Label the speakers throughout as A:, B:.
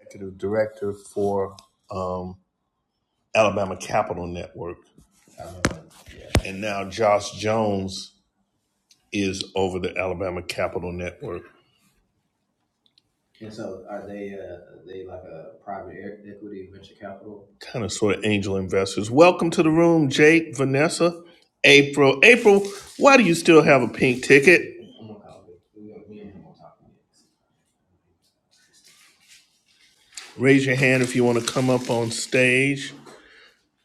A: executive director for um, Alabama Capital Network, and now Josh Jones is over the Alabama Capital Network, kind of sort of angel investors. Welcome to the room, Jake, Vanessa, April. April, why do you still have a pink ticket? Raise your hand if you want to come up on stage.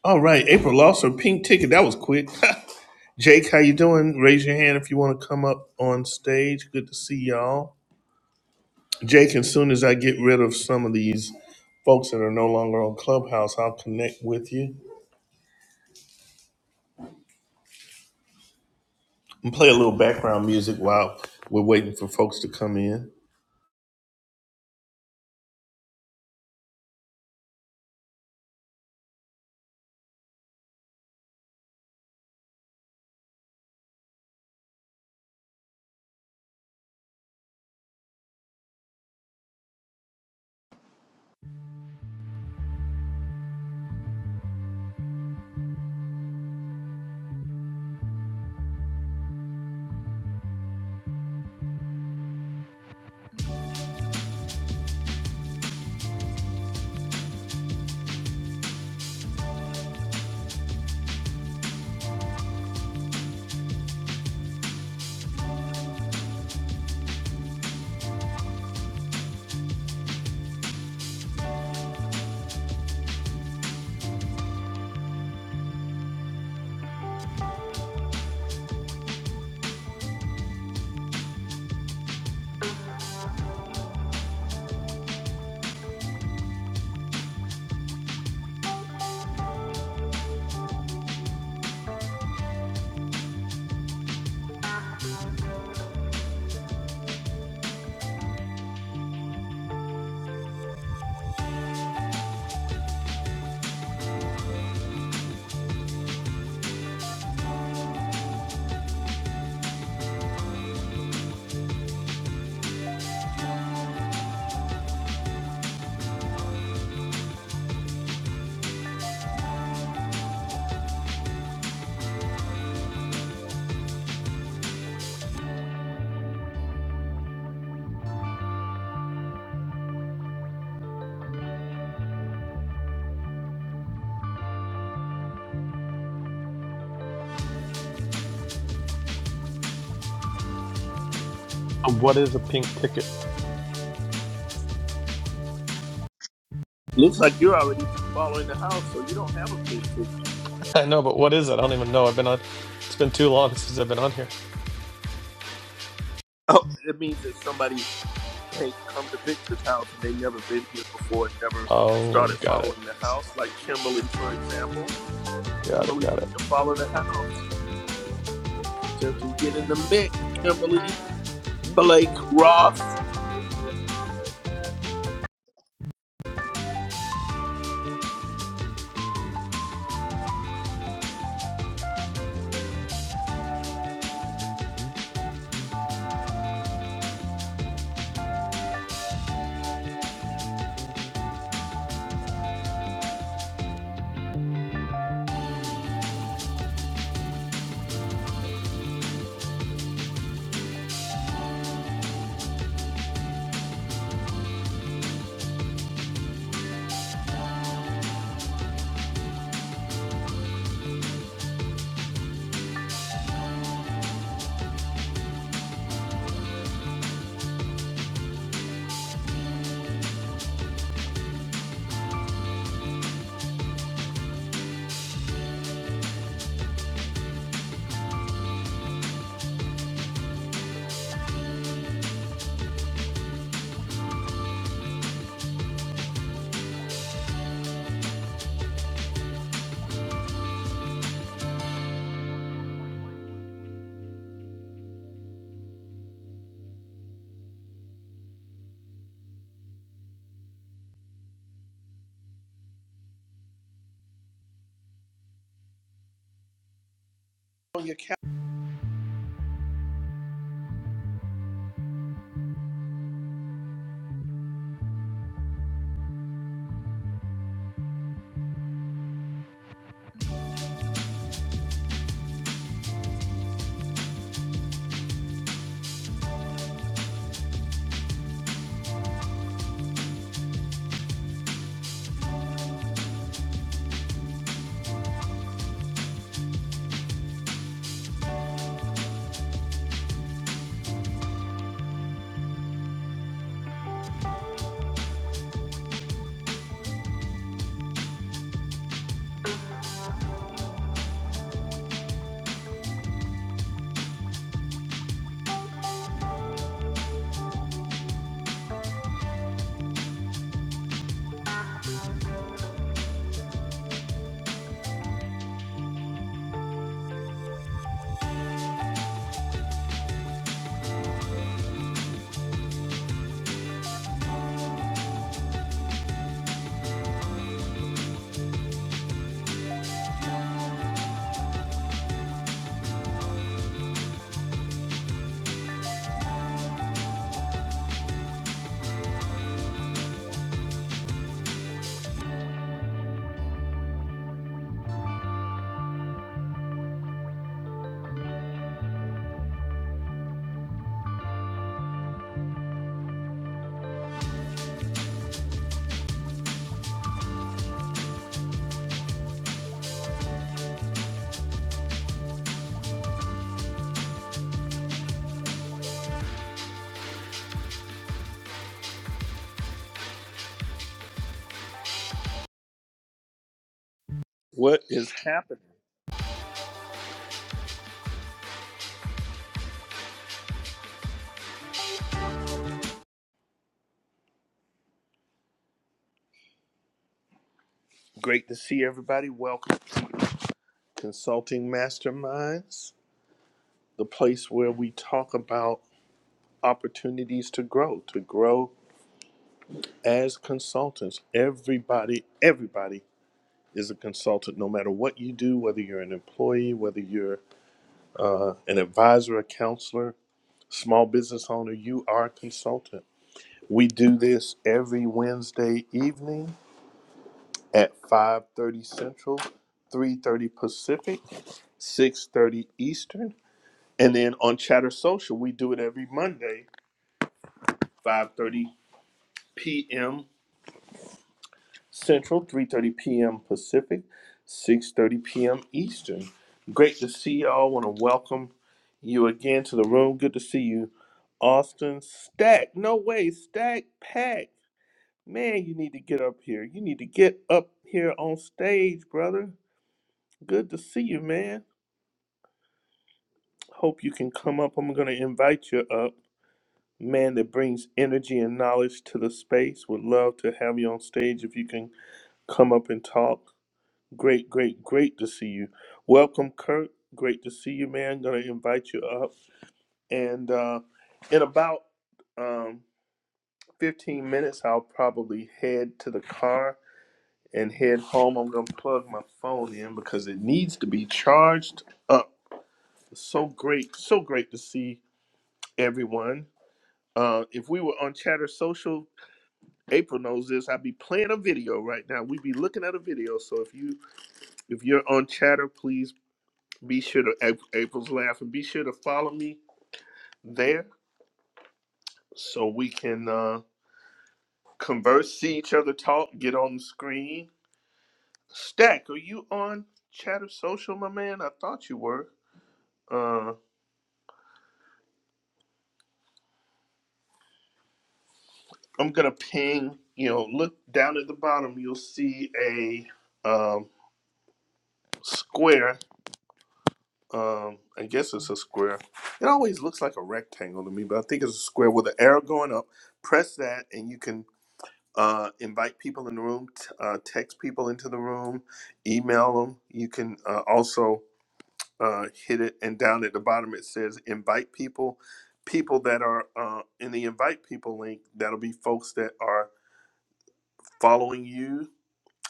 A: All right, April lost her pink ticket. That was quick. Jake, how you doing? Raise your hand if you want to come up on stage. Good to see y'all. Jake, as soon as I get rid of some of these folks that are no longer on Clubhouse, I'll connect with you and play a little background music while we're waiting for folks to come in.
B: So What is a pink ticket?
A: Looks like you're already following the house, so you don't have a big ticket.
B: I know, but what is it? I don't even know. I've been on. It's been too long since I've been on here.
A: Oh, it means that somebody can't come to Victor's house and they never been here before and never
B: Oh,
A: started
B: got it.
A: following the house. Like Kimberly, for example.
B: Got it.
A: Kimberly,
B: Got it.
A: you can follow the house. Just get in the mix. Kimberly, Blake, Ross. On your cal- What is happening? Great to see everybody. Welcome to Consulting Masterminds, the place where we talk about opportunities to grow, to grow as consultants. Everybody, everybody is a consultant, no matter what you do, whether you're an employee, whether you're uh, an advisor, a counselor, small business owner, you are a consultant. We do this every Wednesday evening at 5:30 Central, 3:30 Pacific, 6:30 Eastern And then on Chatter Social, we do it every Monday, 5:30 p.m. Central, 3:30 p.m. Pacific, 6:30 p.m. Eastern. Great to see y'all. Want to welcome you again to the room. Good to see you, Austin Stack. No way, Stack Pack. Man, you need to get up here. You need to get up here on stage, brother. Good to see you, man. Hope you can come up. I'm gonna invite you up. man that brings energy and knowledge to the space. Would love to have you on stage if you can come up and talk. Great, great, great to see you. Welcome, Kurt. Great to see you, man. Gonna invite you up. And uh, in about um, 15 minutes, I'll probably head to the car and head home. I'm gonna plug my phone in because it needs to be charged up. So great, so great to see everyone. Uh, if we were on Chatter Social, April knows this. I be playing a video right now. We be looking at a video. So if you if you're on chatter, please be sure to Ap- April's laugh and be sure to follow me there so we can uh converse, see each other talk, get on the screen. Stack, are you on chatter social, my man? I thought you were. Uh I'm gonna ping, you know, look down at the bottom, you'll see a um square Um, I guess it's a square. It always looks like a rectangle to me, but I think it's a square with an arrow going up. Press that, and you can uh, invite people in the room, t- uh, text people into the room, email them. You can uh, also uh, hit it, and down at the bottom it says invite people. People that are uh, in the invite people link, that'll be folks that are following you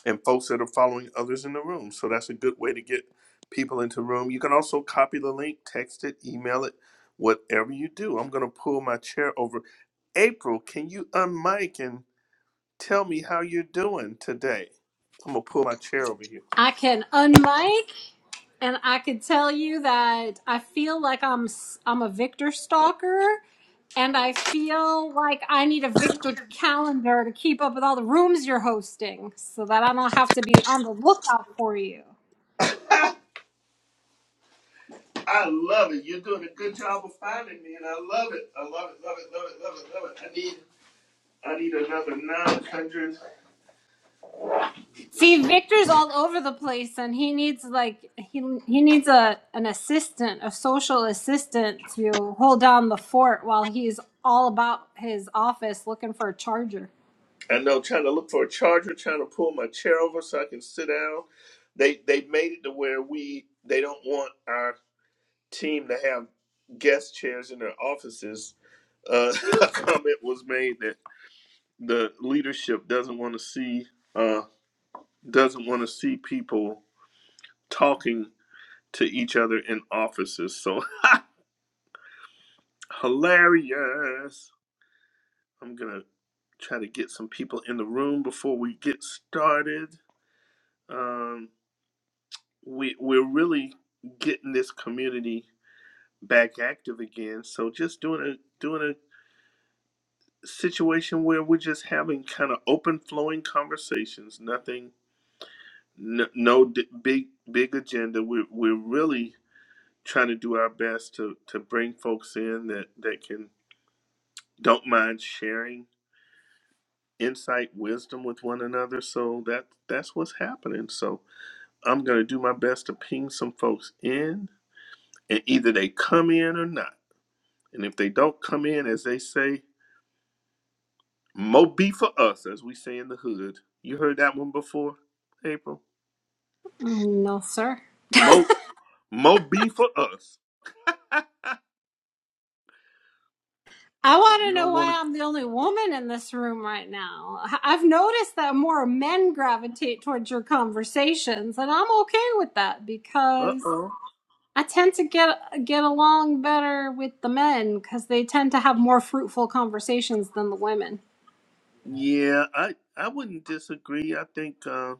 A: and folks that are following others in the room. So that's a good way to get people into the room. You can also copy the link, text it, email it, whatever you do. I'm going to pull my chair over. April, can you unmic and tell me how you're doing today? I'm going to pull my chair over here.
C: I can unmic, and I can tell you that I feel like I'm s- I'm a Victor stalker, and I feel like I need a Victor calendar to keep up with all the rooms you're hosting, so that I don't have to be on the lookout for you.
A: I love it. You're doing a good job of finding me, and I love it. I love it, love it, love it, love it, love it. I need, I need another 900.
C: See, Victor's all over the place, and he needs like he he needs a an assistant, a social assistant to hold down the fort while he's all about his office looking for a charger.
A: I know trying to look for a charger, trying to pull my chair over so I can sit down. They they made it to where we they don't want our team to have guest chairs in their offices. Uh, a comment was made that the leadership doesn't want to see uh, doesn't want to see people talking to each other in offices. So hilarious! I'm gonna try to get some people in the room before we get started. Um, we we're really getting this community back active again. So just doing a doing a situation where we're just having kind of open flowing conversations. Nothing, no, no d- big big agenda. We're we're really trying to do our best to to bring folks in that that can don't mind sharing insight, wisdom with one another. So that that's what's happening. So I'm gonna do my best to ping some folks in, and either they come in or not. And if they don't come in, as they say, Mo be for us, as we say in the hood. You heard that one before, April?
C: Mm, No, sir.
A: Mo, Mo be for us.
C: I
A: if
C: want
A: you
C: to know
A: don't want
C: why I'm the only woman in this room right now. I- have noticed that more men gravitate towards your conversations, and I'm okay with that
A: to, uh
C: because
A: oh.
C: I tend to get get along better with the men because they tend to have more fruitful conversations than the women.
A: Yeah, I I wouldn't disagree. I think uh,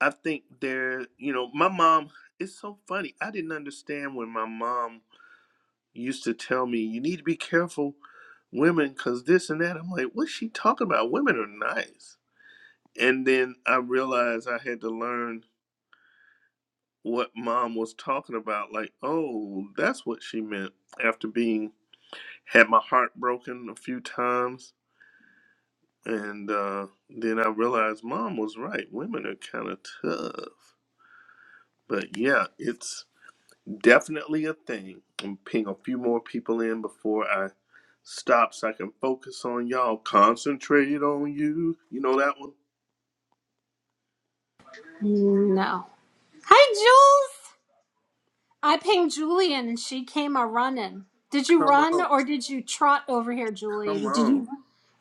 A: I think there. You know, my mom. It's so funny. I didn't understand when my mom used to tell me, "You need to be careful, women, because this and that." I'm like, "What's she talking about? Women are nice." And then I realized I had to learn what mom was talking about like oh that's what she meant after being had my heart broken a few times and uh, then i realized mom was right women are kind of tough but yeah it's definitely a thing i'm ping a few more people in before i stop so i can focus on y'all concentrate on you you know that one
C: No. Hi, Jules. I pinged Julian, and she came a running. Did you
A: come
C: run
A: on
C: or did you trot over here, Julie?
A: come
C: Did
A: on
C: you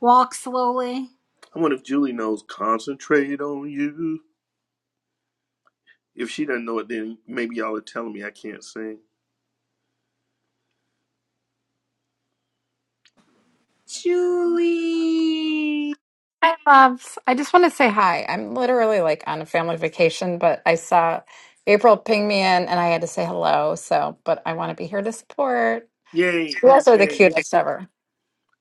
C: walk slowly,
A: i wonder if julie knows concentrate on you If she doesn't know it, then maybe y'all are telling me I can't sing.
C: Julie?
D: Hi, loves. I just want to say hi. I'm literally like on a family vacation, but I saw April ping me in and I had to say hello. So, but I want to be here to support.
A: Yay!
D: You guys are the
A: Yay!
D: cutest ever.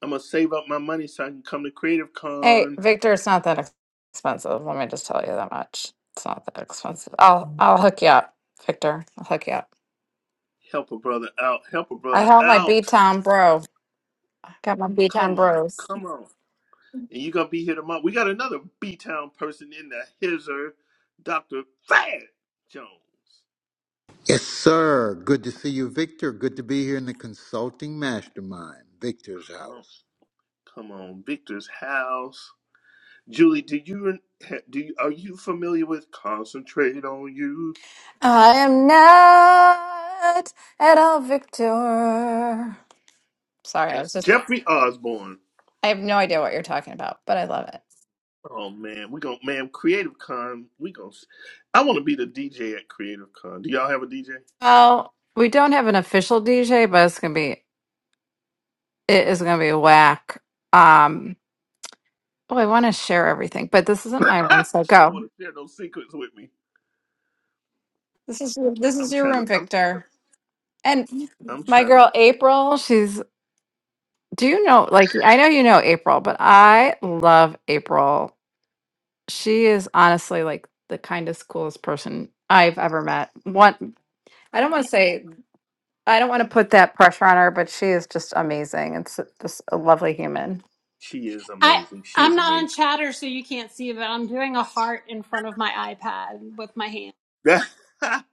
A: I'm gonna save up my money so I can come to Creative
D: Hey,
A: Con.
D: Victor, it's not that ex- expensive. Let me just tell you that much. It's not that expensive. I'll I'll hook you up, Victor. I'll hook you up.
A: Help a brother out. Help a
D: I
A: brother
D: have my
A: out.
D: B-Town bro. I got my B-Town
A: Come on,
D: bros.
A: come on. And you gonna be here tomorrow. We got another B Town person in the hizzer, Doctor Fad Jones.
E: Yes, sir. Good to see you, Victor. Good to be here in the consulting mastermind, Victor's
A: Come on,
E: house.
A: come on. Victor's house. Julie, do you do? You, are you familiar with "Concentrate on You"?
D: I am not at all Victor. Sorry, I
A: That's
D: was just,
A: Jeffrey Osborne.
D: I have no idea what you're talking about, but I love it.
A: Oh man, we gonna man Creative Con. We gonna. I want to be the DJ at Creative Con. Do y'all have a DJ?
D: Well, we don't have an official DJ, but it's going to be, it is going to be whack. Um, oh, I want to share everything, but this isn't my room, so
A: she don't
D: go.
A: want to share those secrets with me.
D: This is your- this
A: I'm
D: is your
A: trying to.
D: room,
A: I'm. trying to-
D: Victor. And
A: I'm
D: my
A: trying to.
D: girl April, she's do you know like I know you know April, but I love April. She is honestly like the kindest, coolest person I've ever met. One I don't want to say I don't want to put that pressure on her, but she is just amazing. It's just a lovely human.
A: She is
C: I
A: amazing. She
C: I'm
A: is
C: not
A: amazing.
C: on chatter, so you can't see, but I'm doing a heart in front of my iPad with my hand.
A: That-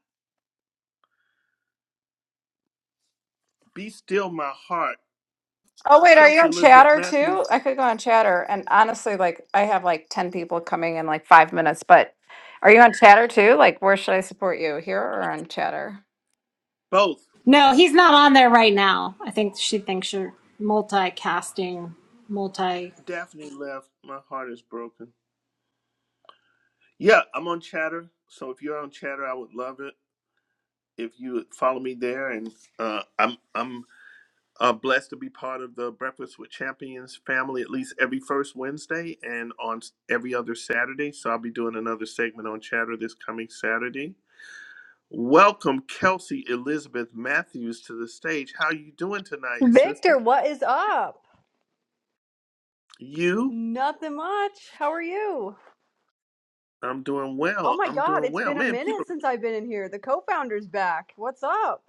A: be still, my heart.
D: Oh wait, are you
A: Kelsey
D: on
A: Elizabeth
D: chatter
A: Matthews.
D: too? I could go on chatter. And honestly, like I have like 10 people coming in like five minutes, but are you on chatter too? Like where should I support you? Here or on chatter?
A: Both.
C: No, he's not on there right now. I think she thinks you're multicasting, multi.
A: Daphne left. My heart is broken. Yeah, I'm on Chatter. So if you're on Chatter, I would love it if you would follow me there. And uh, I'm. I'm Uh, blessed to be part of the Breakfast with Champions family at least every first Wednesday and on s- every other Saturday. So I'll be doing another segment on chatter this coming Saturday. Welcome, Kelsey Elizabeth Matthews, to the stage. How you doing tonight,
F: Victor,
A: sister?
F: what is up?
A: You?
F: Nothing much. How are you?
A: I'm doing
F: Oh
A: well.
F: my
A: I'm
F: god,
A: doing
F: it's
A: well.
F: been a
A: Man, people,
F: minute since I've been in here. The co-founder's back. What's up?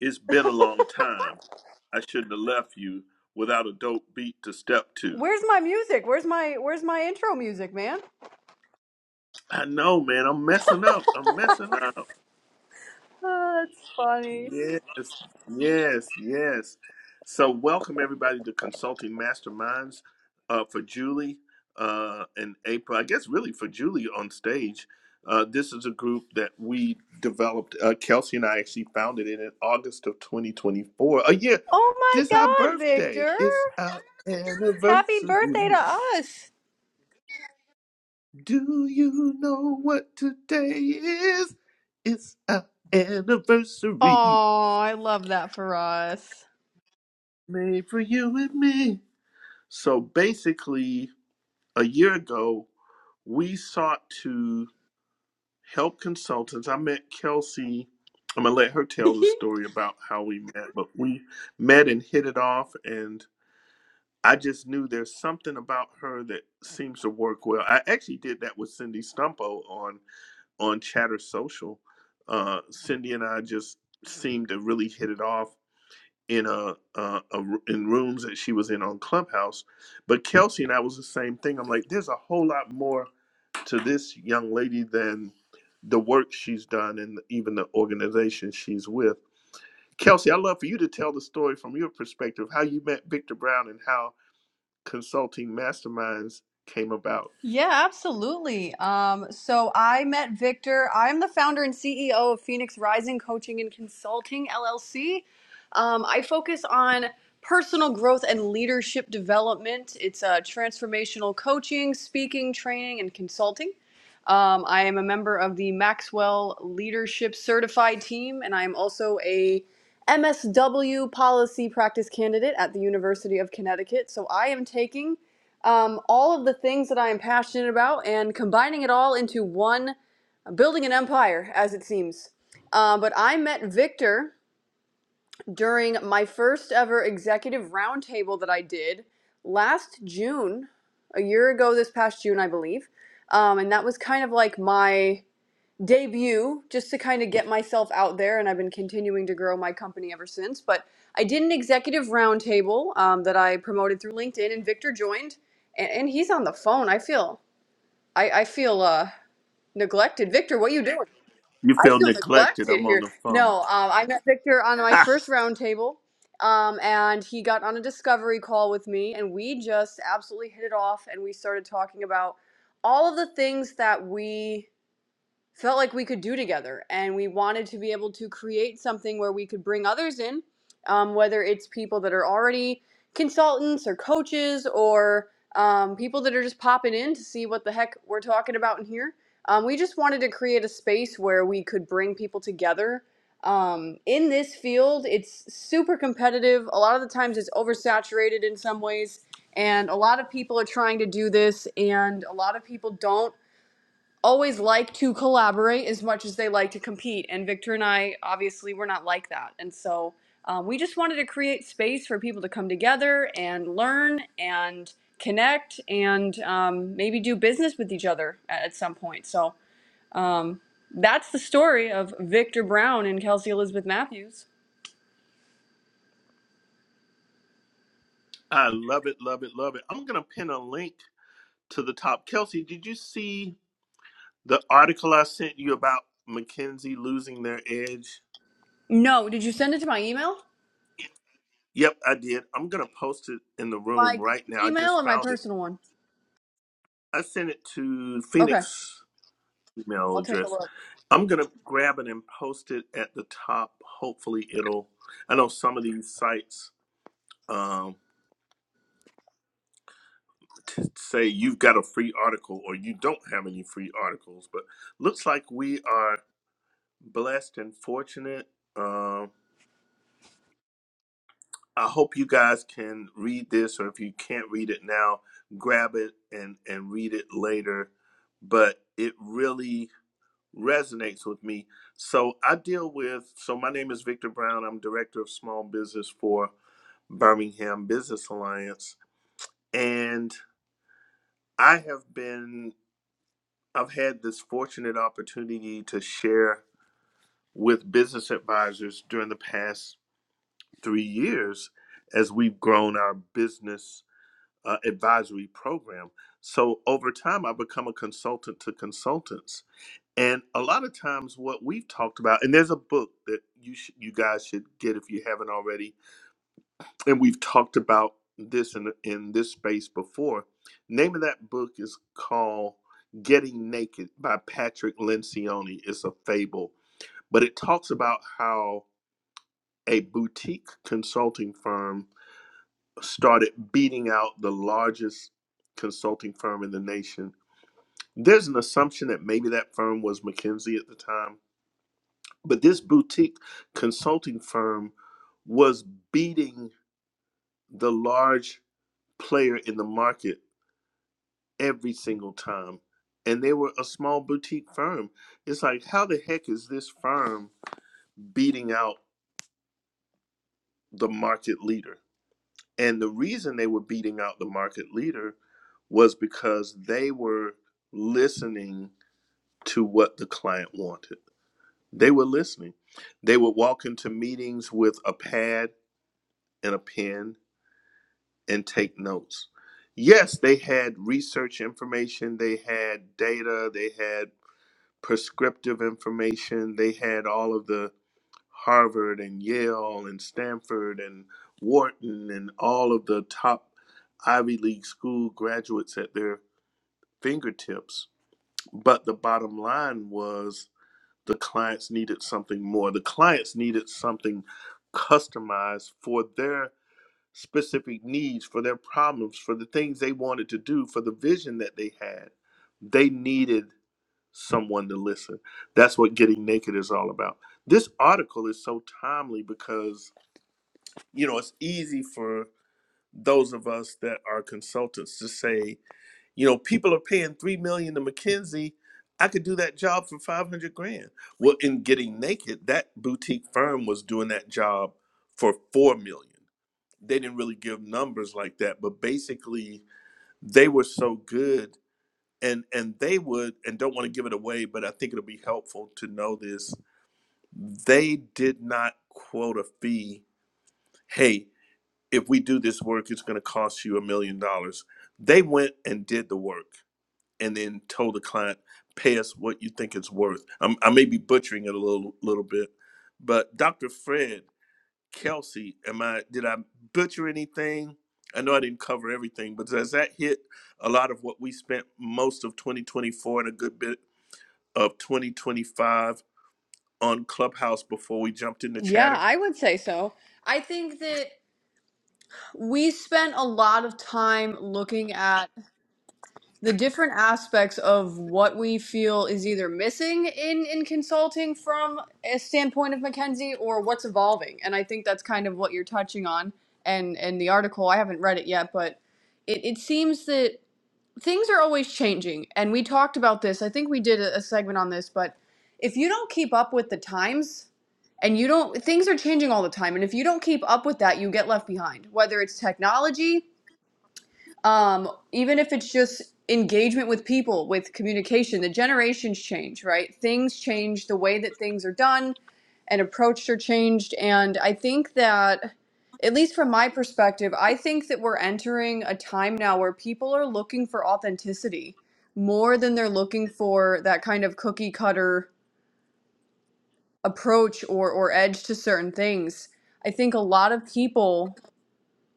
A: it's been a long time. I shouldn't have left you without a dope beat to step to.
F: Where's my music? Where's my where's my intro music, man?
A: I know, man. I'm messing up. I'm messing up.
F: Oh, that's funny.
A: Yes, yes, yes. So, welcome everybody to Consulting Masterminds uh, for Julie uh, and April. I guess really for Julie on stage. Uh, this is a group that we developed. Uh, Kelsey and I actually founded it in August of 2024. Oh yeah,
F: Oh
A: this our
F: my god,
A: birthday.
F: Victor.
A: It's our
F: Happy
A: anniversary.
F: birthday to us.
A: Do you know what today is? It's our anniversary
F: Oh, I love that for us.
A: made for you and me. So basically, a year ago, we sought to help consultants. I met Kelsey. I'm going to let her tell the story about how we met, but we met and hit it off. And I just knew there's something about her that seems to work well. I actually did that with Cindy Stumpo on, on Chatter Social. Uh, Cindy and I just seemed to really hit it off in a, a, a r- in rooms that she was in on Clubhouse, but Kelsey and I was the same thing. I'm like, there's a whole lot more to this young lady than the work she's done and even the organization she's with. Kelsey, I'd love for you to tell the story from your perspective how you met Victor Brown and how consulting masterminds came about.
F: Yeah, absolutely. Um, so I met Victor. I'm the founder and CEO of Phoenix Rising Coaching and Consulting LLC. Um, I focus on personal growth and leadership development. It's uh, transformational coaching, speaking, training, and consulting. Um, I am a member of the Maxwell Leadership Certified Team, and I am also a MSW policy practice candidate at the University of Connecticut. So I am taking um, all of the things that I am passionate about and combining it all into one, building an empire, as it seems. Um, but I met Victor during my first ever executive roundtable that I did last June, a year ago this past June, I believe. Um, and that was kind of like my debut just to kind of get myself out there and i've been continuing to grow my company ever since but i did an executive roundtable um, that i promoted through linkedin and victor joined and, and he's on the phone i feel i, I feel uh, neglected victor what you doing
A: You
F: i
A: feel
F: feel
A: neglected.
F: neglected
A: I'm on
F: here
A: the phone.
F: no um, i met victor on my first roundtable um, and he got on a discovery call with me and we just absolutely hit it off and we started talking about all of the things that we felt like we could do together. And we wanted to be able to create something where we could bring others in, um, whether it's people that are already consultants or coaches or um, people that are just popping in to see what the heck we're talking about in here. Um, we just wanted to create a space where we could bring people together. Um, in this field, it's super competitive. A lot of the times, it's oversaturated in some ways. And a lot of people are trying to do this, and a lot of people don't always like to collaborate as much as they like to compete. And Victor and I, obviously, we're not like that. And so um, we just wanted to create space for people to come together and learn and connect and um, maybe do business with each other at, at some point. So um, that's the story of Victor Brown and Kelsey Elizabeth Matthews.
A: I love it, love it, love it. I'm gonna pin a link to the top. Kelsey, did you see? The article I sent you about McKinsey losing their edge.
F: No, did you send it to my email?
A: Yep, I did. I'm gonna post it in the
F: My
A: room
F: company
A: right now. I
F: email
A: just
F: or my
A: found it.
F: personal one?
A: I sent it to
F: Okay,
A: Phoenix email
F: I'll take a
A: address.
F: look.
A: I'm gonna grab it and post it at the top. Hopefully, it'll. I know some of these sites um, t- say you've got a free article or you don't have any free articles, but looks like we are blessed and fortunate. Um, I hope you guys can read this, or if you can't read it now, grab it and, and read it later. But it really resonates with me. So I deal with, so my name is Victor Brown. I'm Director of Small Business for Birmingham Business Alliance. And I have been, I've had this fortunate opportunity to share with business advisors during the past three years as we've grown our business uh, advisory program. So over time, I've become a consultant to consultants. And a lot of times, what we've talked about, and there's a book that you sh- you guys should get if you haven't already, and we've talked about this in in this space before. Name of that book is called "Getting Naked" by Patrick Lencioni. It's a fable, but it talks about how a boutique consulting firm started beating out the largest consulting firm in the nation. There's an assumption that maybe that firm was McKinsey at the time, but this boutique consulting firm was beating the large player in the market every single time. And they were a small boutique firm. It's like, how the heck is this firm beating out the market leader? And the reason they were beating out the market leader was because they were listening to what the client wanted. They were listening. They would walk into meetings with a pad and a pen and take notes. Yes, they had research information, they had data, they had prescriptive information, they had all of the Harvard and Yale and Stanford and Wharton and all of the top Ivy League school graduates at their fingertips. But the bottom line was the clients needed something more. The clients needed something customized for their specific needs, for their problems, for the things they wanted to do, for the vision that they had. They needed someone to listen. That's what getting naked is all about. This article is so timely because, you know, it's easy for those of us that are consultants to say, you know, people are paying three million to McKinsey. I could do that job for five hundred grand. Well, in getting naked, that boutique firm was doing that job for four million. They didn't really give numbers like that, but basically they were so good and and they would and don't want to give it away, but I think it'll be helpful to know this. They did not quote a fee. Hey, if we do this work, it's gonna cost you a million dollars. They went and did the work and then told the client, pay us what you think it's worth. I'm, I may be butchering it a little little bit, but Dr. Fred Kelsey, am I did I butcher anything? I know I didn't cover everything, but does that hit a lot of what we spent most of 2024 and a good bit of 2025 on Clubhouse before we jumped into
F: Yeah,
A: chatter?
F: I would say so. I think that we spent a lot of time looking at the different aspects of what we feel is either missing in in consulting from a standpoint of McKenzie or what's evolving. And I think that's kind of what you're touching on. And and the article, I haven't read it yet, but it, it seems that things are always changing. And we talked about this. I think we did a, a segment on this, but if you don't keep up with the times, and you don't things are changing all the time and if you don't keep up with that you get left behind whether it's technology um, even if it's just engagement with people, with communication, the generations change, right? Things change, the way that things are done and approached are changed. And I think that, at least from my perspective, I think that we're entering a time now where people are looking for authenticity more than they're looking for that kind of cookie cutter approach or, or edge to certain things. I think a lot of people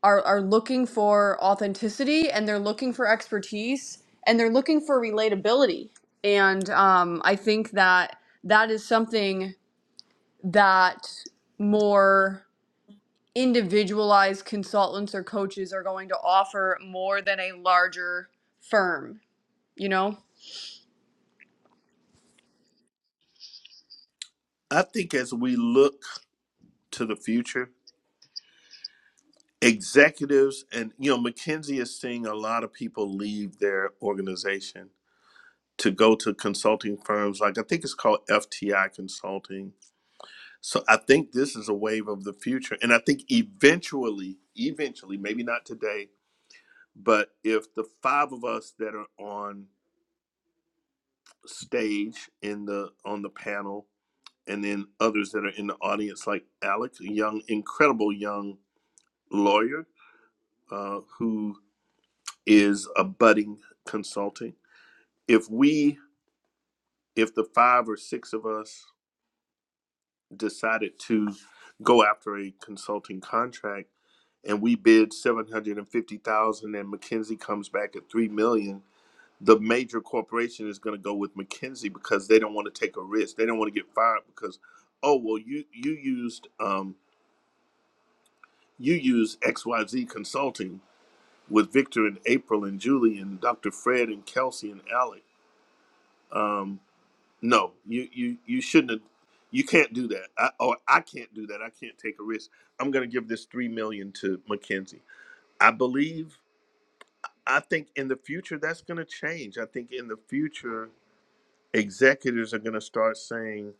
F: are are looking for authenticity and they're looking for expertise and they're looking for relatability and um, i think that that is something that more individualized consultants or coaches are going to offer more than a larger firm you know
A: I think as we look to the future, executives and you know, McKinsey is seeing a lot of people leave their organization to go to consulting firms like I think it's called FTI consulting. So I think this is a wave of the future and I think eventually eventually maybe not today but if the five of us that are on stage in the on the panel and then others that are in the audience like Alex a young incredible young lawyer uh, who is a budding consulting if we if the five or six of us decided to go after a consulting contract and we bid 750,000 and fifty thousand, and McKinsey comes back at 3 million the major corporation is going to go with McKinsey because they don't want to take a risk they don't want to get fired because oh well you you used um you used XYZ consulting with Victor and April and Julie and Dr. Fred and Kelsey and Alec Um, No, you you you shouldn't. Have, you can't do that. I, or I can't do that. I can't take a risk. I'm going to give this three million to McKenzie. I believe. I think in the future that's going to change. I think in the future executives are going to start saying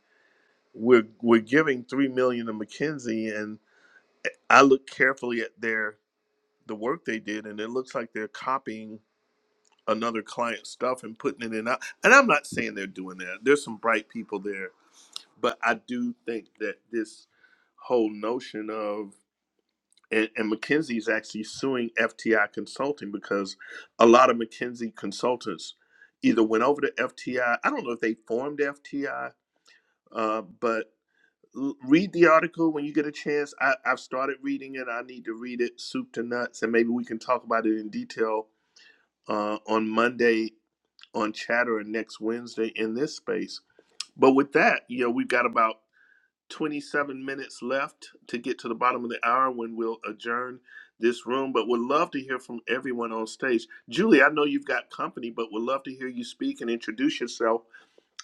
A: we're we're giving three million to McKenzie, and I look carefully at their the work they did, and it looks like they're copying another client's stuff and putting it in. And I'm not saying they're doing that. There's some bright people there But I do think that this whole notion of and, and McKinsey is actually suing FTI Consulting because a lot of McKinsey consultants either went over to FTI. I I don't know if they formed FTI, uh, but l- read the article when you get a chance. I, I've started reading it. I need to read it soup to nuts, and maybe we can talk about it in detail uh, on Monday on Chatter and next Wednesday in this space. But with that, you know, we've got about 27 minutes left to get to the bottom of the hour when we'll adjourn this room, but would love to hear from everyone on stage. Julie, I know you've got company, but would love to hear you speak and introduce yourself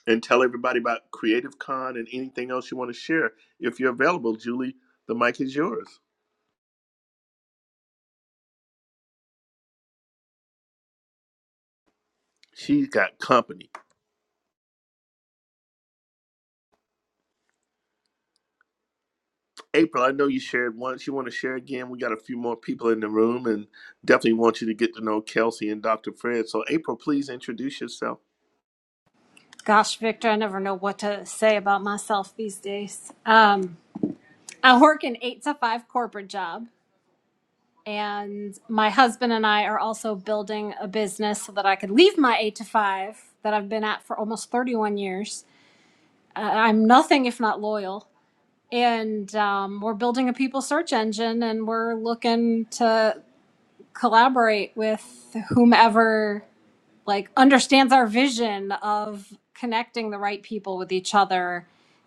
A: and tell everybody about Creative Con and anything else you want to share. If you're available, Julie, the mic is yours. She's got company. April, I know you shared once. You want to share again? We got a few more people in the room and definitely want you to get to know Kelsey and Dr. Fred. So, April, please introduce yourself.
C: Gosh, Victor, I never know what to say about myself these days. Um, I work an eight to five corporate job, and my husband and I are also building a business so that I could leave my eight to five that I've been at for almost 31 years. Uh, I'm nothing if not loyal and um, we're building a people search engine and we're looking to collaborate with whomever like understands our vision of connecting the right people with each other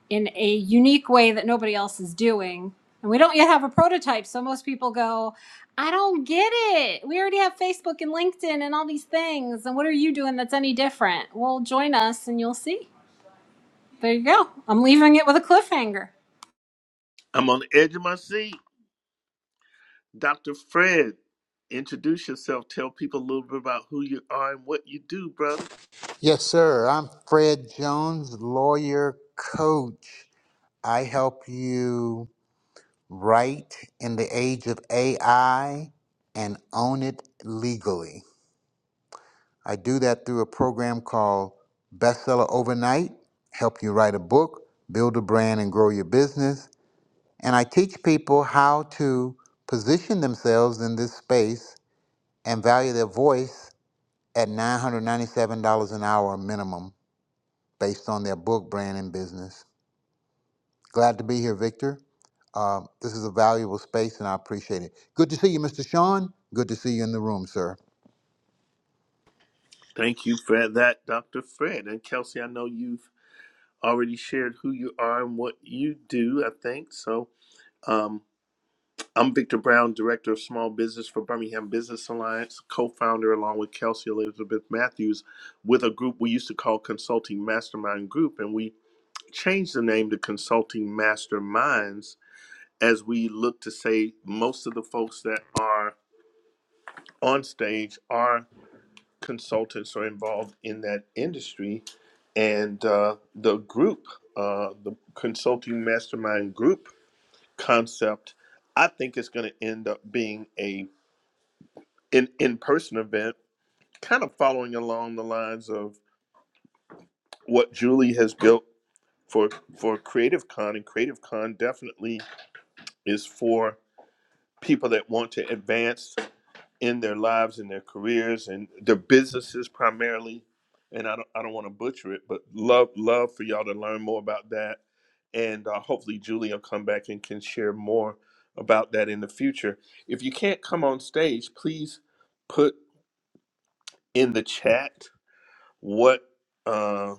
C: in a unique way that nobody else is doing and we don't yet have a prototype so most people go i don't get it we already have facebook and linkedin and all these things and what are you doing that's any different well join us and you'll see there you go i'm leaving it with a cliffhanger
A: I'm on the edge of my seat. Dr. Fred, introduce yourself. Tell people a little bit about who you are and what you do, brother.
E: Yes, sir. I'm Fred Jones, lawyer coach. I help you write in the age of AI and own it legally. I do that through a program called Bestseller Overnight, help you write a book, build a brand, and grow your business. And I teach people how to position themselves in this space and value their voice at $997 an hour minimum based on their book, brand, and business. Glad to be here, Victor. Uh, this is a valuable space and I appreciate it. Good to see you, Mr. Sean. Good to see you in the room, sir.
A: Thank you for that, Dr. Fred. And Kelsey, I know you've already shared who you are and what you do, I think. So um, I'm Victor Brown, Director of Small Business for Birmingham Business Alliance, co founder along with Kelsey Elizabeth Matthews with a group we used to call Consulting Mastermind Group. And we changed the name to Consulting Masterminds as we look to say most of the folks that are on stage our consultants are involved in that industry and uh, the group uh, the consulting mastermind group concept i think is going to end up being a in in-person event kind of following along the lines of what julie has built for for creative con and creative con definitely is for people that want to advance in their lives and their careers and their businesses primarily. And I don't, I don't want to butcher it, but love love for y'all to learn more about that. And uh, hopefully Julie will come back and can share more about that in the future. If you can't come on stage, please put in the chat what uh,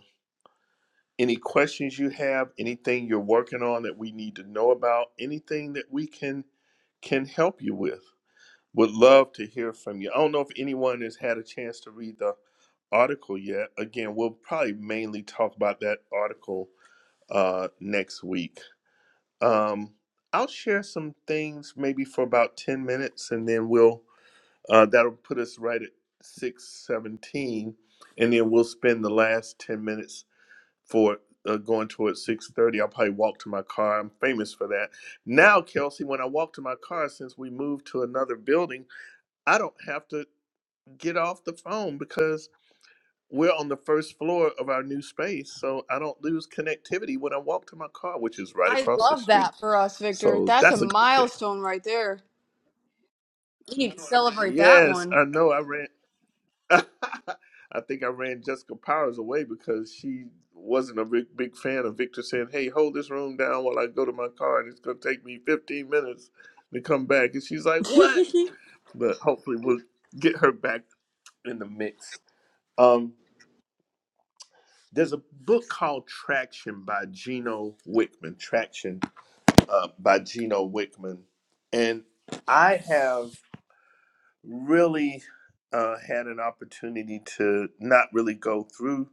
A: any questions you have, anything you're working on that we need to know about, anything that we can can help you with. Would love to hear from you. I don't know if anyone has had a chance to read the article yet. Again, we'll probably mainly talk about that article uh, next week. Um, I'll share some things maybe for about 10 minutes and then we'll, uh, that'll put us right at 617. And then we'll spend the last 10 minutes for uh, going towards 630. I'll probably walk to my car. I'm famous for that. Now, Kelsey, when I walk to my car, since we moved to another building, I don't have to get off the phone because we're on the first floor of our new space. So I don't lose connectivity when I walk to my car, which is right
F: i
A: across the
F: love
A: street.
F: that for us victor
A: So
F: that's a
A: that's a good thing.
F: milestone right there we need to celebrate that
A: Yes,
F: one
A: I know I ran. I think I ran Jessica Powers away because she wasn't a big, big fan of Victor saying, Hey, hold this room down while I go to my car and it's going to take me 15 minutes to come back. And she's like, What? But hopefully we'll get her back in the mix. Um. There's a book called Traction by Geno Wickman. Traction uh, by Geno Wickman, and I have really uh, had an opportunity to not really go through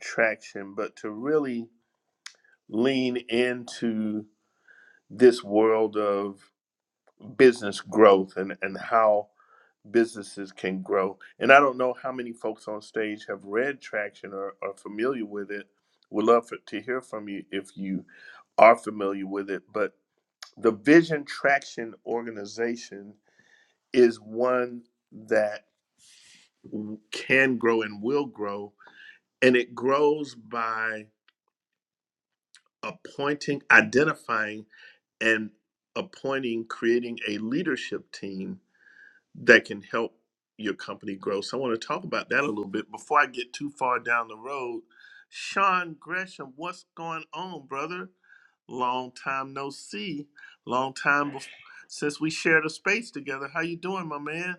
A: traction, but to really lean into this world of business growth and and how businesses can grow. And I don't know how many folks on stage have read Traction or are familiar with it. Would love for, to hear from you if you are familiar with it. But the Vision Traction organization is one that can grow and will grow. And it grows by appointing, identifying, and appointing, creating a leadership team that can help your company grow. So I want to talk about that a little bit before I get too far down the road. Sean Gresham, what's going on, brother? Long time no see. Long time bef- since we shared a space together. How you doing, my man?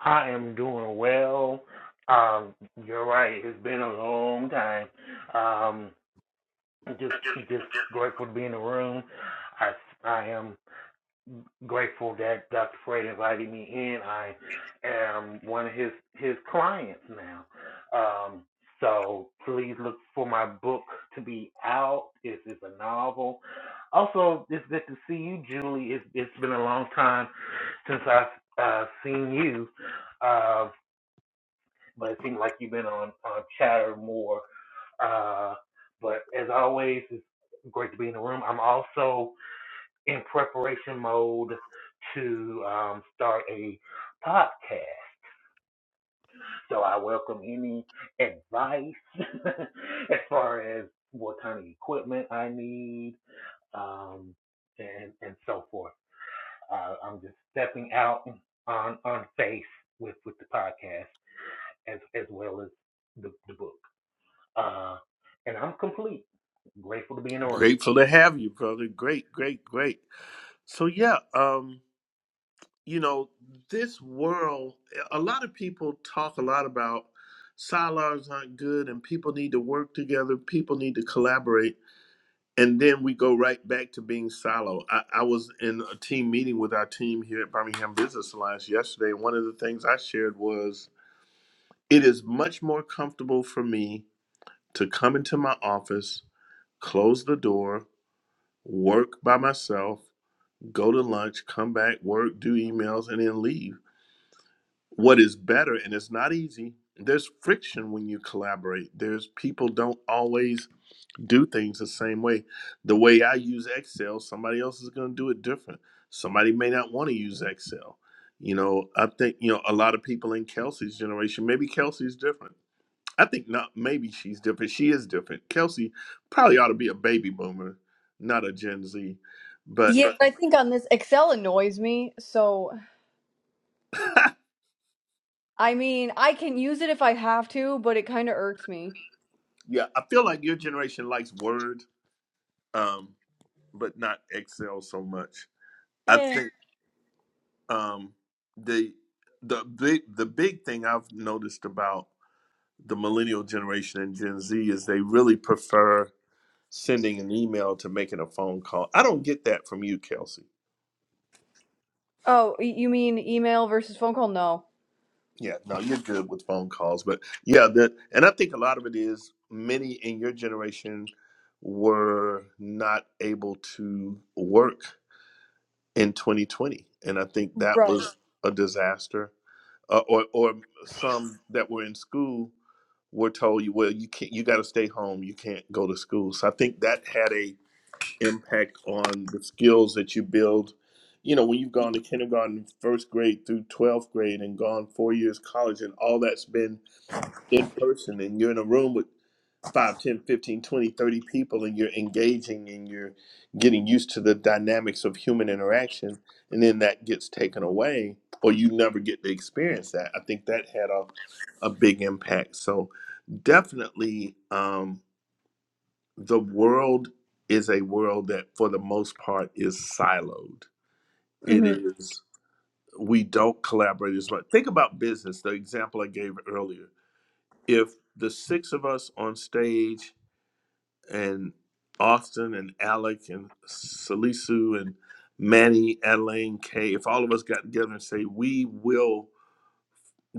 G: I am doing well. Um, you're right. It's been a long time. Um, just just grateful to be in the room. I I am grateful that Dr. Fred invited me in. I am one of his his clients now. Um, so please look for my book to be out. It's, it's a novel. Also, it's good to see you, Julie. It's, it's been a long time since I've uh, seen you. Uh, but it seems like you've been on, on chatter more. Uh, but as always, it's great to be in the room. I'm also in preparation mode to um, start a podcast. So I welcome any advice as far as what kind of equipment I need um, and, and so forth. Uh, I'm just stepping out on, on faith with, with the podcast as, as well as the, the book. Uh, and I'm complete. Grateful to be in the room.
A: Grateful to have you, brother. Great, great, great. So yeah, um, you know, this world a lot of people talk a lot about silos aren't good and people need to work together, people need to collaborate and then we go right back to being silo. I, I was in a team meeting with our team here at Birmingham Business Alliance yesterday. One of the things I shared was it is much more comfortable for me to come into my office, close the door, work by myself, go to lunch, come back, work, do emails, and then leave. What is better, and it's not easy, there's friction when you collaborate. There's people don't always do things the same way. The way I use Excel, somebody else is going to do it different. Somebody may not want to use Excel. You know, I think, you know, a lot of people in Kelsey's generation, maybe Kelsey's different. I think not, maybe she's different. She is different. Kelsey probably ought to be a baby boomer, not a Gen Z. But
F: yeah but i think on this excel annoys me so I mean, I can use it if I have to, but it kind of irks me.
A: yeah, I feel like your generation likes Word, um, but not Excel so much. I
F: Yeah.
A: think um, the, the big the big thing I've noticed about the millennial generation and Gen Z is they really prefer sending an email to making a phone call. I don't get that from you, Kelsey.
F: Oh, y- you mean email versus phone call? No.
A: Yeah, no, you're good with phone calls, but yeah, that and I think a lot of it is many in your generation were not able to work in 2020, and I think that
F: Right.
A: was a disaster. Uh, or or some that were in school were told you, well, you can't, you got to stay home, you can't go to school. So I think that had a impact on the skills that you build. You know, when you've gone to kindergarten, first grade through 12th grade and gone four years college and all that's been in person and you're in a room with 5, 10, 15, 20, 30 people and you're engaging and you're getting used to the dynamics of human interaction and then that gets taken away or you never get to experience that. I think that had a, a big impact. So definitely, um, the world is a world that for the most part is siloed it
F: hmm
A: is we don't collaborate as much think about business the example i gave earlier if the six of us on stage and austin and alec and salisu and manny Elaine, kay if all of us got together and say we will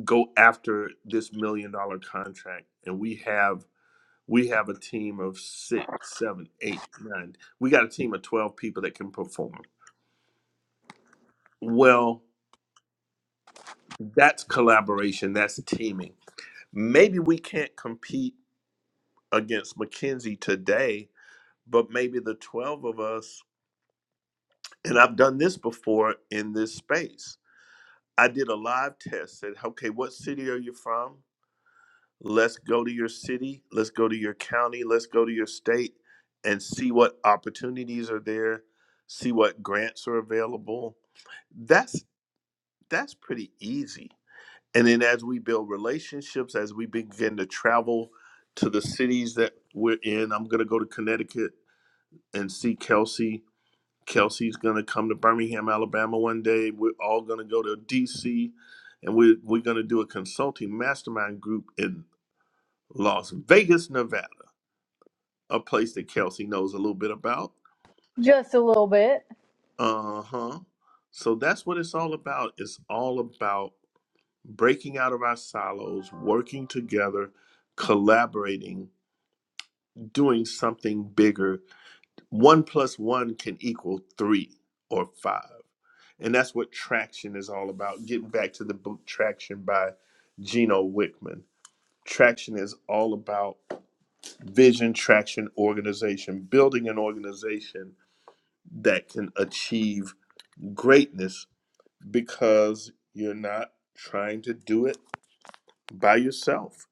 A: go after this million dollar contract and we have We have a team of six, seven, eight, nine. We got a team of 12 people that can perform. Well, that's collaboration, that's teaming. Maybe we can't compete against McKinsey today, but maybe the 12 of us, and I've done this before in this space. I did a live test, said, okay, what city are you from? Let's go to your city, let's go to your county, let's go to your state and see what opportunities are there, see what grants are available. That's that's pretty easy. And then as we build relationships, as we begin to travel to the cities that we're in, I'm going to go to Connecticut and see Kelsey. Kelsey's going to come to Birmingham, Alabama one day. We're all going to go to DC and we're, we're going to do a consulting mastermind group in Las Vegas, Nevada. a place that Kelsey knows a little bit about.
F: Just a little bit.
A: Uh huh. So that's what it's all about. It's all about breaking out of our silos, working together, collaborating, doing something bigger. One plus one can equal three or five. And that's what traction is all about. Getting back to the book Traction by Gino Wickman. Traction is all about vision, traction, organization, building an organization that can achieve greatness because you're not trying to do it by yourself.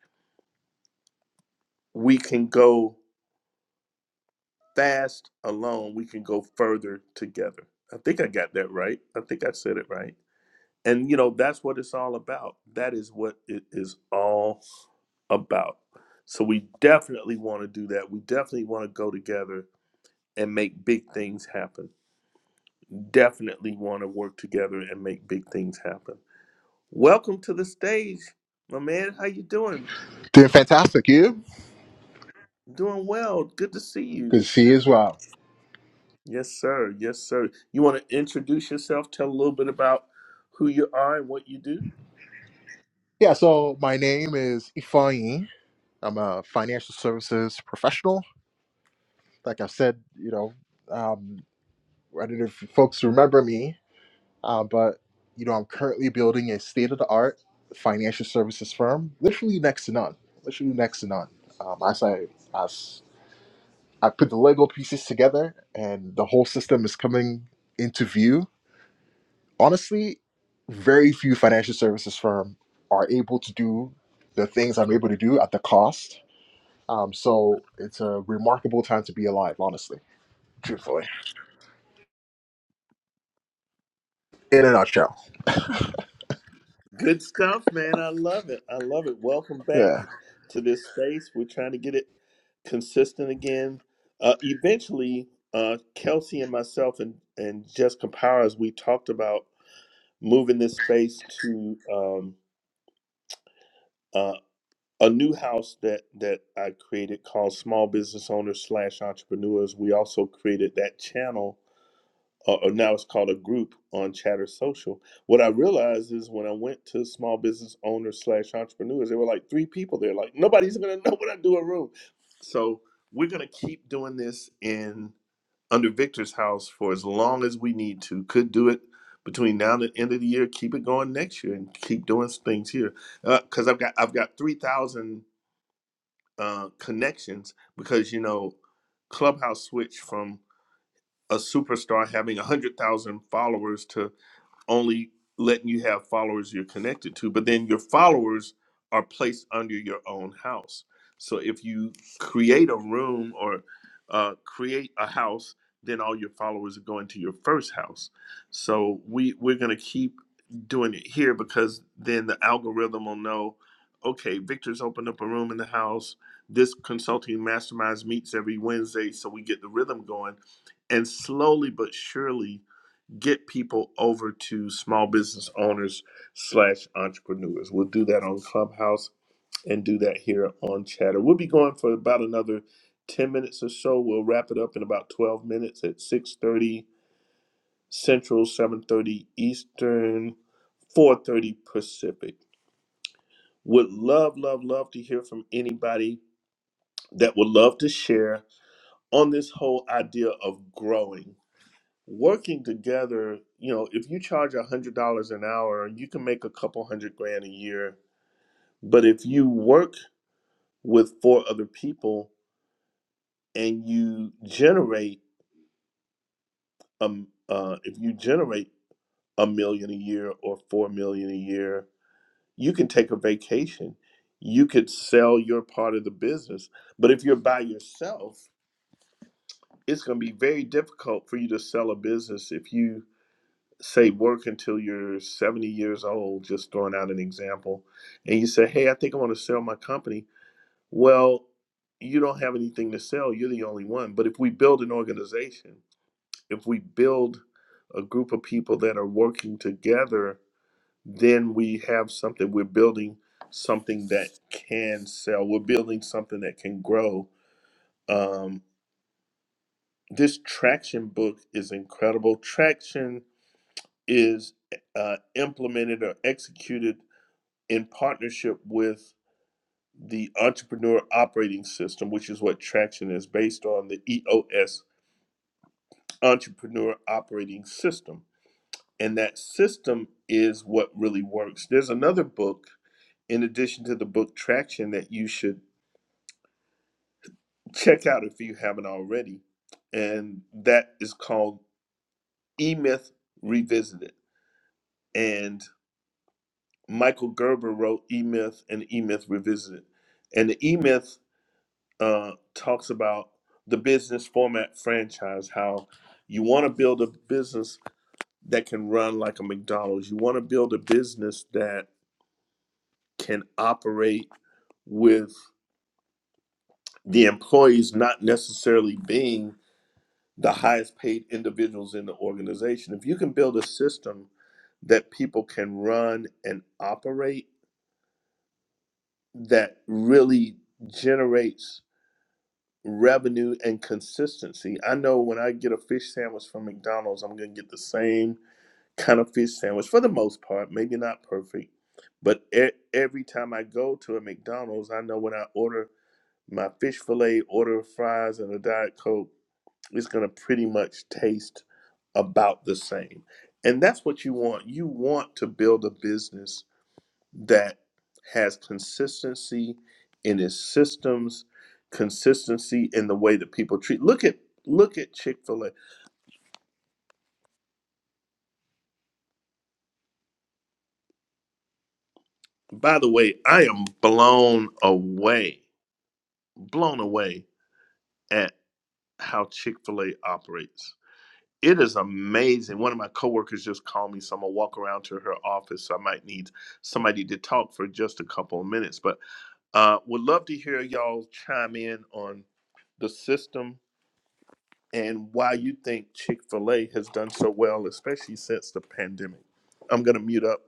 A: We can go fast alone, we can go further together. I think I got that right. I think I said it right. And you know, that's what it's all about. That is what it is all about. So we definitely want to do that. We definitely want to go together and make big things happen. Definitely want to work together and make big things happen. Welcome to the stage, my man. How you doing?
H: Doing fantastic, you?
A: Doing well. Good to see you.
H: Good to see you as well.
A: Yes, sir. Yes, sir. You want to introduce yourself? Tell a little bit about who you are and what you do?
H: Yeah, so my name is Ifanyi. I'm a financial services professional. Like I said, you know, um, I don't know if folks remember me, uh, but, you know, I'm currently building a state of the art financial services firm, literally next to none. Literally next to none. Um, as I, as I put the Lego pieces together and the whole system is coming into view, honestly, very few financial services firm are able to do the things I'm able to do at the cost. Um, so it's a remarkable time to be alive, honestly, truthfully. In a nutshell,
A: Good stuff, man. I love it. I love it. Welcome back
H: yeah.
A: to this space. We're trying to get it consistent again. Uh, eventually, uh, Kelsey and myself and, and Jessica Powers, we talked about moving this space to um, uh, a new house that, that I created called Small Business Owners slash Entrepreneurs. We also created that channel or, or now it's called a group on Chatter Social. What I realized is when I went to small business owners slash entrepreneurs, there were like three people there. Like nobody's gonna know what I do in room. So we're gonna keep doing this in under Victor's house for as long as we need to. Could do it between now and the end of the year. Keep it going next year and keep doing things here because I've got I've got three thousand uh, connections because you know Clubhouse switched from a superstar having 100,000 followers to only letting you have followers you're connected to, but then your followers are placed under your own house. So if you create a room or uh, create a house, then all your followers are going to your first house. So we we're gonna keep doing it here because then the algorithm will know, okay, Victor's opened up a room in the house. This consulting masterminds meets every Wednesday, so we get the rhythm going, and slowly but surely get people over to small business owners slash entrepreneurs. We'll do that on Clubhouse and do that here on Chatter. We'll be going for about another 10 minutes or so. We'll wrap it up in about 12 minutes at 6:30 Central, 7:30 Eastern, 4:30 Pacific. Would love, love, love to hear from anybody that would love to share on this whole idea of growing working together, you know, if you charge a hundred dollars an hour, you can make a couple hundred grand a year. But if you work with four other people and you generate um uh, if you generate a million a year or four million a year, you can take a vacation. You could sell your part of the business. But if you're by yourself, it's going to be very difficult for you to sell a business if you say work until you're 70 years old, just throwing out an example, and you say, Hey, I think I want to sell my company. Well, you don't have anything to sell. You're the only one. But if we build an organization, if we build a group of people that are working together, then we have something. We're building something that can sell, we're building something that can grow. Um, this traction book is incredible. Traction is uh, implemented or executed in partnership with the Entrepreneur Operating System, which is what Traction is based on, the EOS Entrepreneur Operating System. And that system is what really works. There's another book, in addition to the book Traction, that you should check out if you haven't already. And that is called E Myth Revisited. And Michael Gerber wrote E Myth and E Myth Revisited. And the E Myth uh, talks about the business format franchise, how you want to build a business that can run like a McDonald's. You want to build a business that can operate with the employees not necessarily being the highest paid individuals in the organization. If you can build a system that people can run and operate that really generates revenue and consistency. I know when I get a fish sandwich from McDonald's, I'm going to get the same kind of fish sandwich for the most part, maybe not perfect, but e- every time I go to a McDonald's, I know when I order my fish fillet, order fries, and a Diet Coke, it's going to pretty much taste about the same. And that's what you want. You want to build a business that has consistency in its systems, consistency in the way that people treat. Look at look at Chick-fil-A. By the way, I am blown away, blown away at how Chick-fil-A operates. It is amazing. One of my coworkers just called me, so I'm gonna walk around to her office. So I might need somebody to talk for just a couple of minutes. But uh would love to hear y'all chime in on the system And why you think Chick fil A has done so well, especially since the pandemic. I'm going to mute up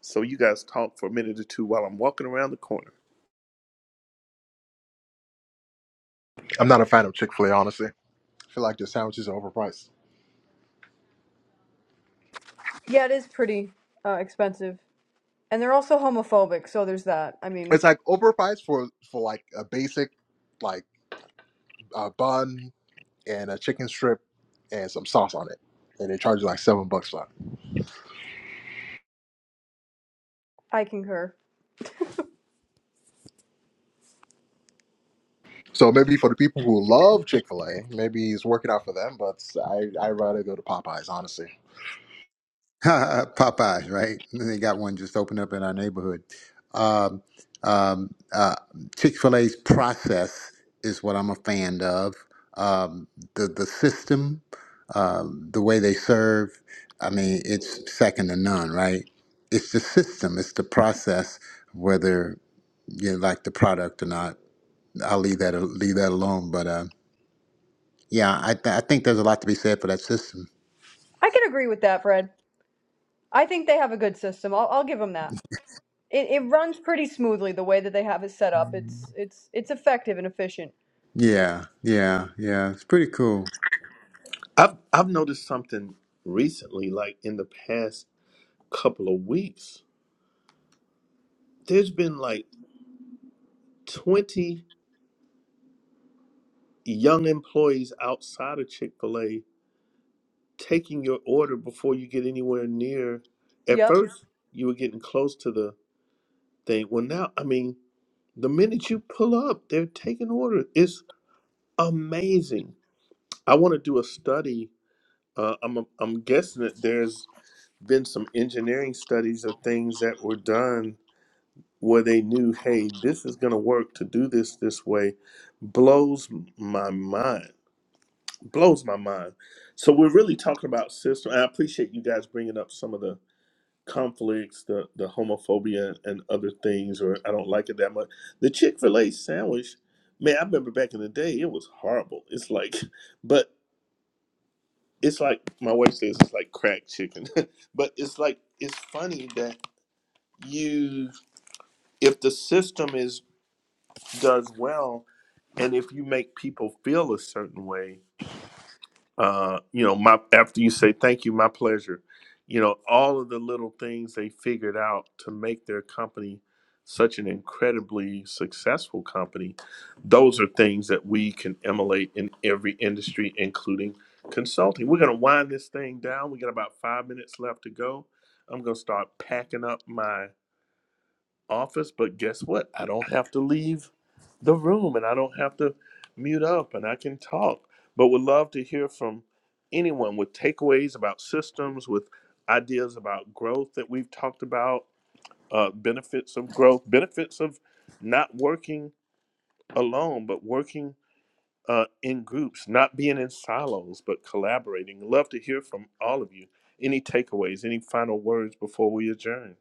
A: so you guys talk for a minute or two while I'm walking around the corner.
H: I'm not a fan of Chick Fil A, honestly. I feel like their sandwiches are overpriced.
F: Yeah, it is pretty uh, expensive. And they're also homophobic, so there's that. I mean,
H: It's like overpriced for for like a basic, like a bun and a chicken strip and some sauce on it, and they charge you like seven bucks for that.
F: I concur.
H: So maybe for the people who love Chick Fil A, maybe it's working out for them. But I I rather go to Popeyes, honestly.
E: Popeyes, right? They got one just opened up in our neighborhood. Um, um, uh, Chick fil A's process is what I'm a fan of. Um, the, the system um, the way they serve, I mean, it's second to none, right? It's the system, it's the process, whether you like the product or not. I'll leave that leave that alone. But uh, yeah, I, th- I think there's a lot to be said for that system.
F: I can agree with that, Fred. I think they have a good system. I'll, I'll give them that. It, it runs pretty smoothly the way that they have it set up. It's it's it's effective and efficient.
E: Yeah, yeah, yeah. It's pretty cool.
A: I've, I've noticed something recently, like in the past couple of weeks, there's been like 20 young employees outside of Chick fil A taking your order before you get anywhere near. At
F: Yep.
A: first, you were getting close to the thing. Well, now, I mean, the minute you pull up, they're taking orders. It's Amazing. I want to do a study. Uh, I'm I'm guessing that there's been some engineering studies of things that were done where they knew, hey, this is going to work to do this this way. Blows my mind. Blows my mind. So we're really talking about system. I appreciate you guys bringing up some of the conflicts, the the homophobia, and other things. Or I don't like it that much. The Chick Fil A sandwich, man. I remember back in the day, it was horrible. It's like, but it's like my wife says it's like crack chicken but it's like it's funny that you if the system is does well and if you make people feel a certain way uh, you know, my after you say thank you, my pleasure, you know, all of the little things they figured out to make their company such an incredibly successful company, those are things that we can emulate in every industry, including consulting. We're gonna wind this thing down. We got about five minutes left to go. I'm gonna start packing up my office, but guess what? I don't have to leave the room and I don't have to mute up and I can talk. But would love to hear from anyone with takeaways about systems, with ideas about growth that we've talked about, uh, benefits of growth, benefits of not working alone, but working uh, in groups, not being in silos, but collaborating. Love to hear from all of you. Any takeaways, any final words before we adjourn?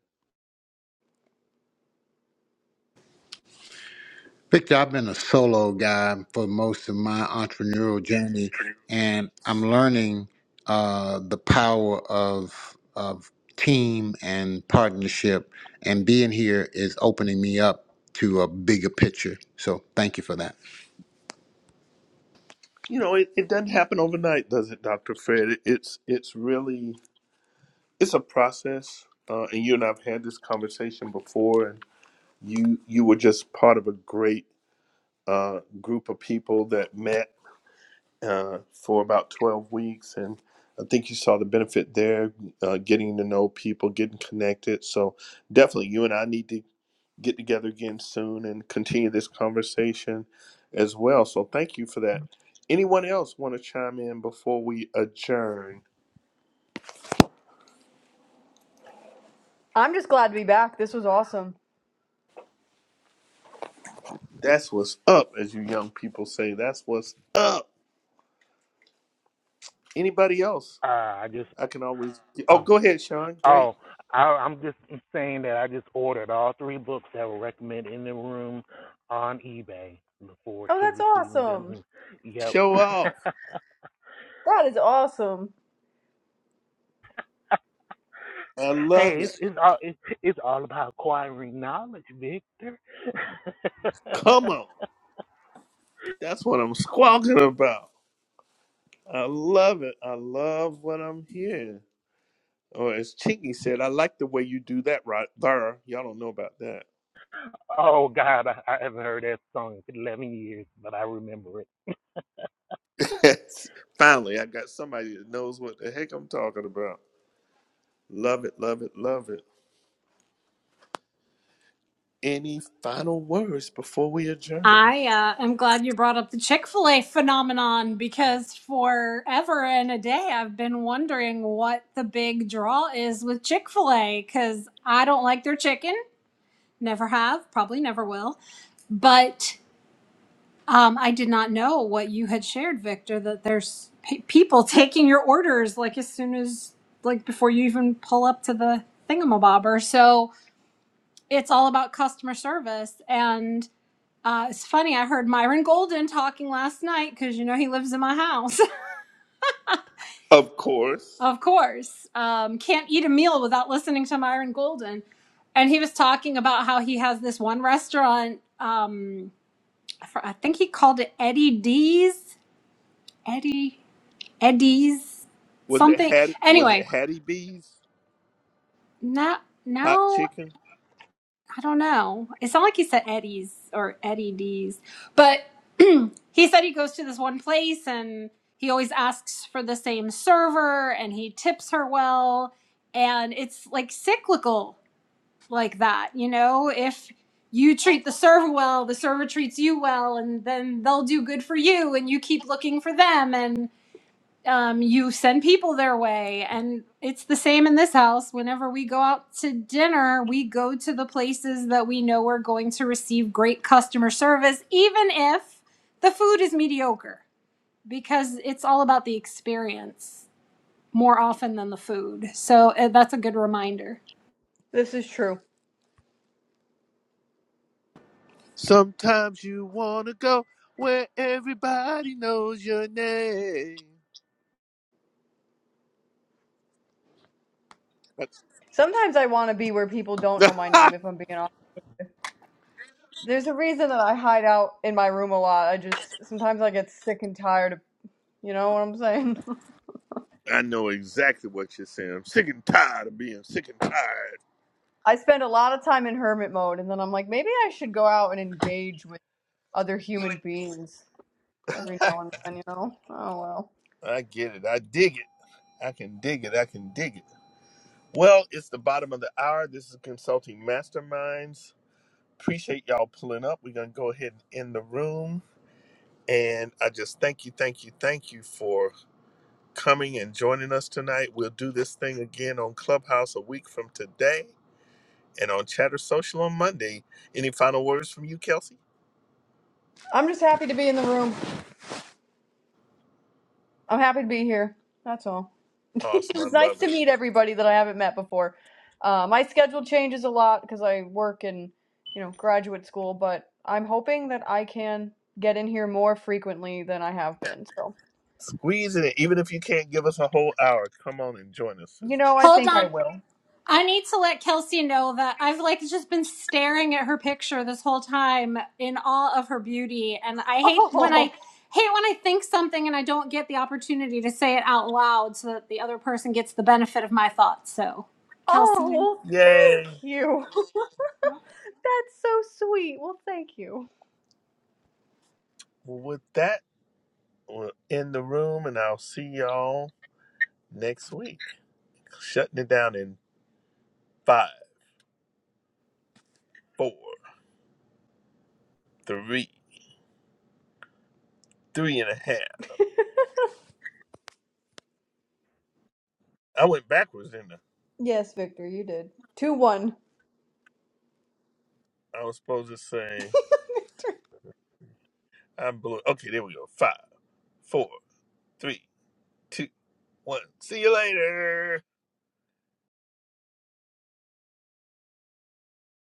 E: Victor, I've been a solo guy for most of my entrepreneurial journey, and I'm learning uh, the power of of team and partnership. And being here is opening me up to a bigger picture. So, thank you for that.
A: You know, it, it doesn't happen overnight, does it, Dr. Fred? It, it's it's really it's a process. Uh, and you and I've had this conversation before, and you you were just part of a great uh, group of people that met uh, for about twelve weeks, and I think you saw the benefit there, uh, getting to know people, getting connected. So definitely, you and I need to get together again soon and continue this conversation as well. So thank you for that. Anyone else want to chime in before we adjourn?
F: I'm just glad to be back. This was awesome.
A: That's what's up, as you young people say. That's what's up. Anybody else?
G: Uh, I just
A: I can always. Oh,
G: oh
A: go ahead, Sean. Great.
G: oh I, I'm just saying that I just ordered all three books that were recommended in the room on eBay. Look forward
F: Oh,
G: to
F: that's
G: receiving them.
F: awesome.
G: And, yep.
A: Show off.
F: That is awesome.
A: I love
G: hey, it's
A: it.
G: it's all it's, it's all about acquiring knowledge, Victor.
A: Come on. That's what I'm squawking about. I love it. I love what I'm hearing. Or as Chinky said, I like the way you do that right there. Y'all don't know about that.
G: oh God, I, I haven't heard that song in 11 years, but I remember it.
A: Finally, I got somebody that knows what the heck I'm talking about. Love it, love it, love it. Any final words before we adjourn?
C: I uh, am glad you brought up the Chick fil A phenomenon because forever and a day I've been wondering what the big draw is with Chick fil A because I don't like their chicken, never have, probably never will. But um, I did not know what you had shared, Victor, that there's pe people taking your orders like as soon as, like before you even pull up to the thingamabobber. So it's all about customer service. And uh, it's funny. I heard Myron Golden talking last night because you know he lives in my house,
A: Of course.
C: of course. Um, can't eat a meal without listening to Myron Golden, and he was talking about how he has this one restaurant. Um, I fr- I think he called it Eddie D's, Eddie Eddie's
A: Was it
C: something.
A: Hattie? Was it
C: Anyway,
A: Hattie B's
C: now
A: hot
C: now
A: chicken?
C: I don't know. It's not like he said Eddie's or Eddie D's, but he said he goes to this one place and he always asks for the same server and he tips her well. And it's like cyclical like that, you know? If you treat the server well, the server treats you well, and then they'll do good for you and you keep looking for them. and um, you send people their way. And it's the same in this house. Whenever we go out to dinner, we go to the places that we know we're going to receive great customer service, even if the food is mediocre, because it's all about the experience more often than the food. So uh, that's a good reminder.
F: This is true.
A: Sometimes you wanna go where everybody knows your name. That's-
F: Sometimes I want to be where people don't know my name, if I'm being honest. There's a reason that I hide out in my room a lot. I just, sometimes I get sick and tired of, you know what I'm saying?
A: I know exactly what you're saying. I'm sick and tired of being sick and
F: I spend a lot of time in hermit mode, and then I'm like, maybe I should go out and engage with other human beings every
A: tired.
F: now and then, you know? Oh well.
A: I get it. I dig it. I can dig it. I can dig it. Well, it's the bottom of the hour. This is Consulting Masterminds. Appreciate y'all pulling up. We're going to go ahead and end the room. And I just thank you, thank you, thank you for coming and joining us tonight. We'll do this thing again on Clubhouse a week from today and on Chatter Social on Monday. Any final words from you, Kelsey?
F: I'm just happy to be in the room. I'm happy to be here. That's all. it
A: Awesome. I
F: was nice
A: love
F: to
A: it.
F: meet everybody that I haven't met before. Uh, my schedule changes a lot because I work in, you know, graduate school, but I'm hoping that I can get in here more frequently than I have been. So,
A: Squeeze it in. Even if you can't give us a whole hour, come on and join us,
F: you
A: sister.
F: know, I
C: Hold
F: think I
C: on.
F: will.
C: I need to let Kelsey know that I've like just been staring at her picture this whole time in awe of her beauty and I hate when I
F: Oh,
C: hate when I think something and I don't get the opportunity to say it out loud so that the other person gets the benefit of my thoughts. So,
F: oh,
C: Kelsey,
F: well,
A: Yay.
F: thank you. That's so sweet. Well, thank you.
A: Well, with that, we'll end the room and I'll see y'all next week. Shutting it down in five, four, three, three and a half. I went backwards, didn't I?
F: Yes, Victor, you did. 2 1.
A: I was supposed to say I blew. Okay, there we go. Five, four, three, two, one. See you later.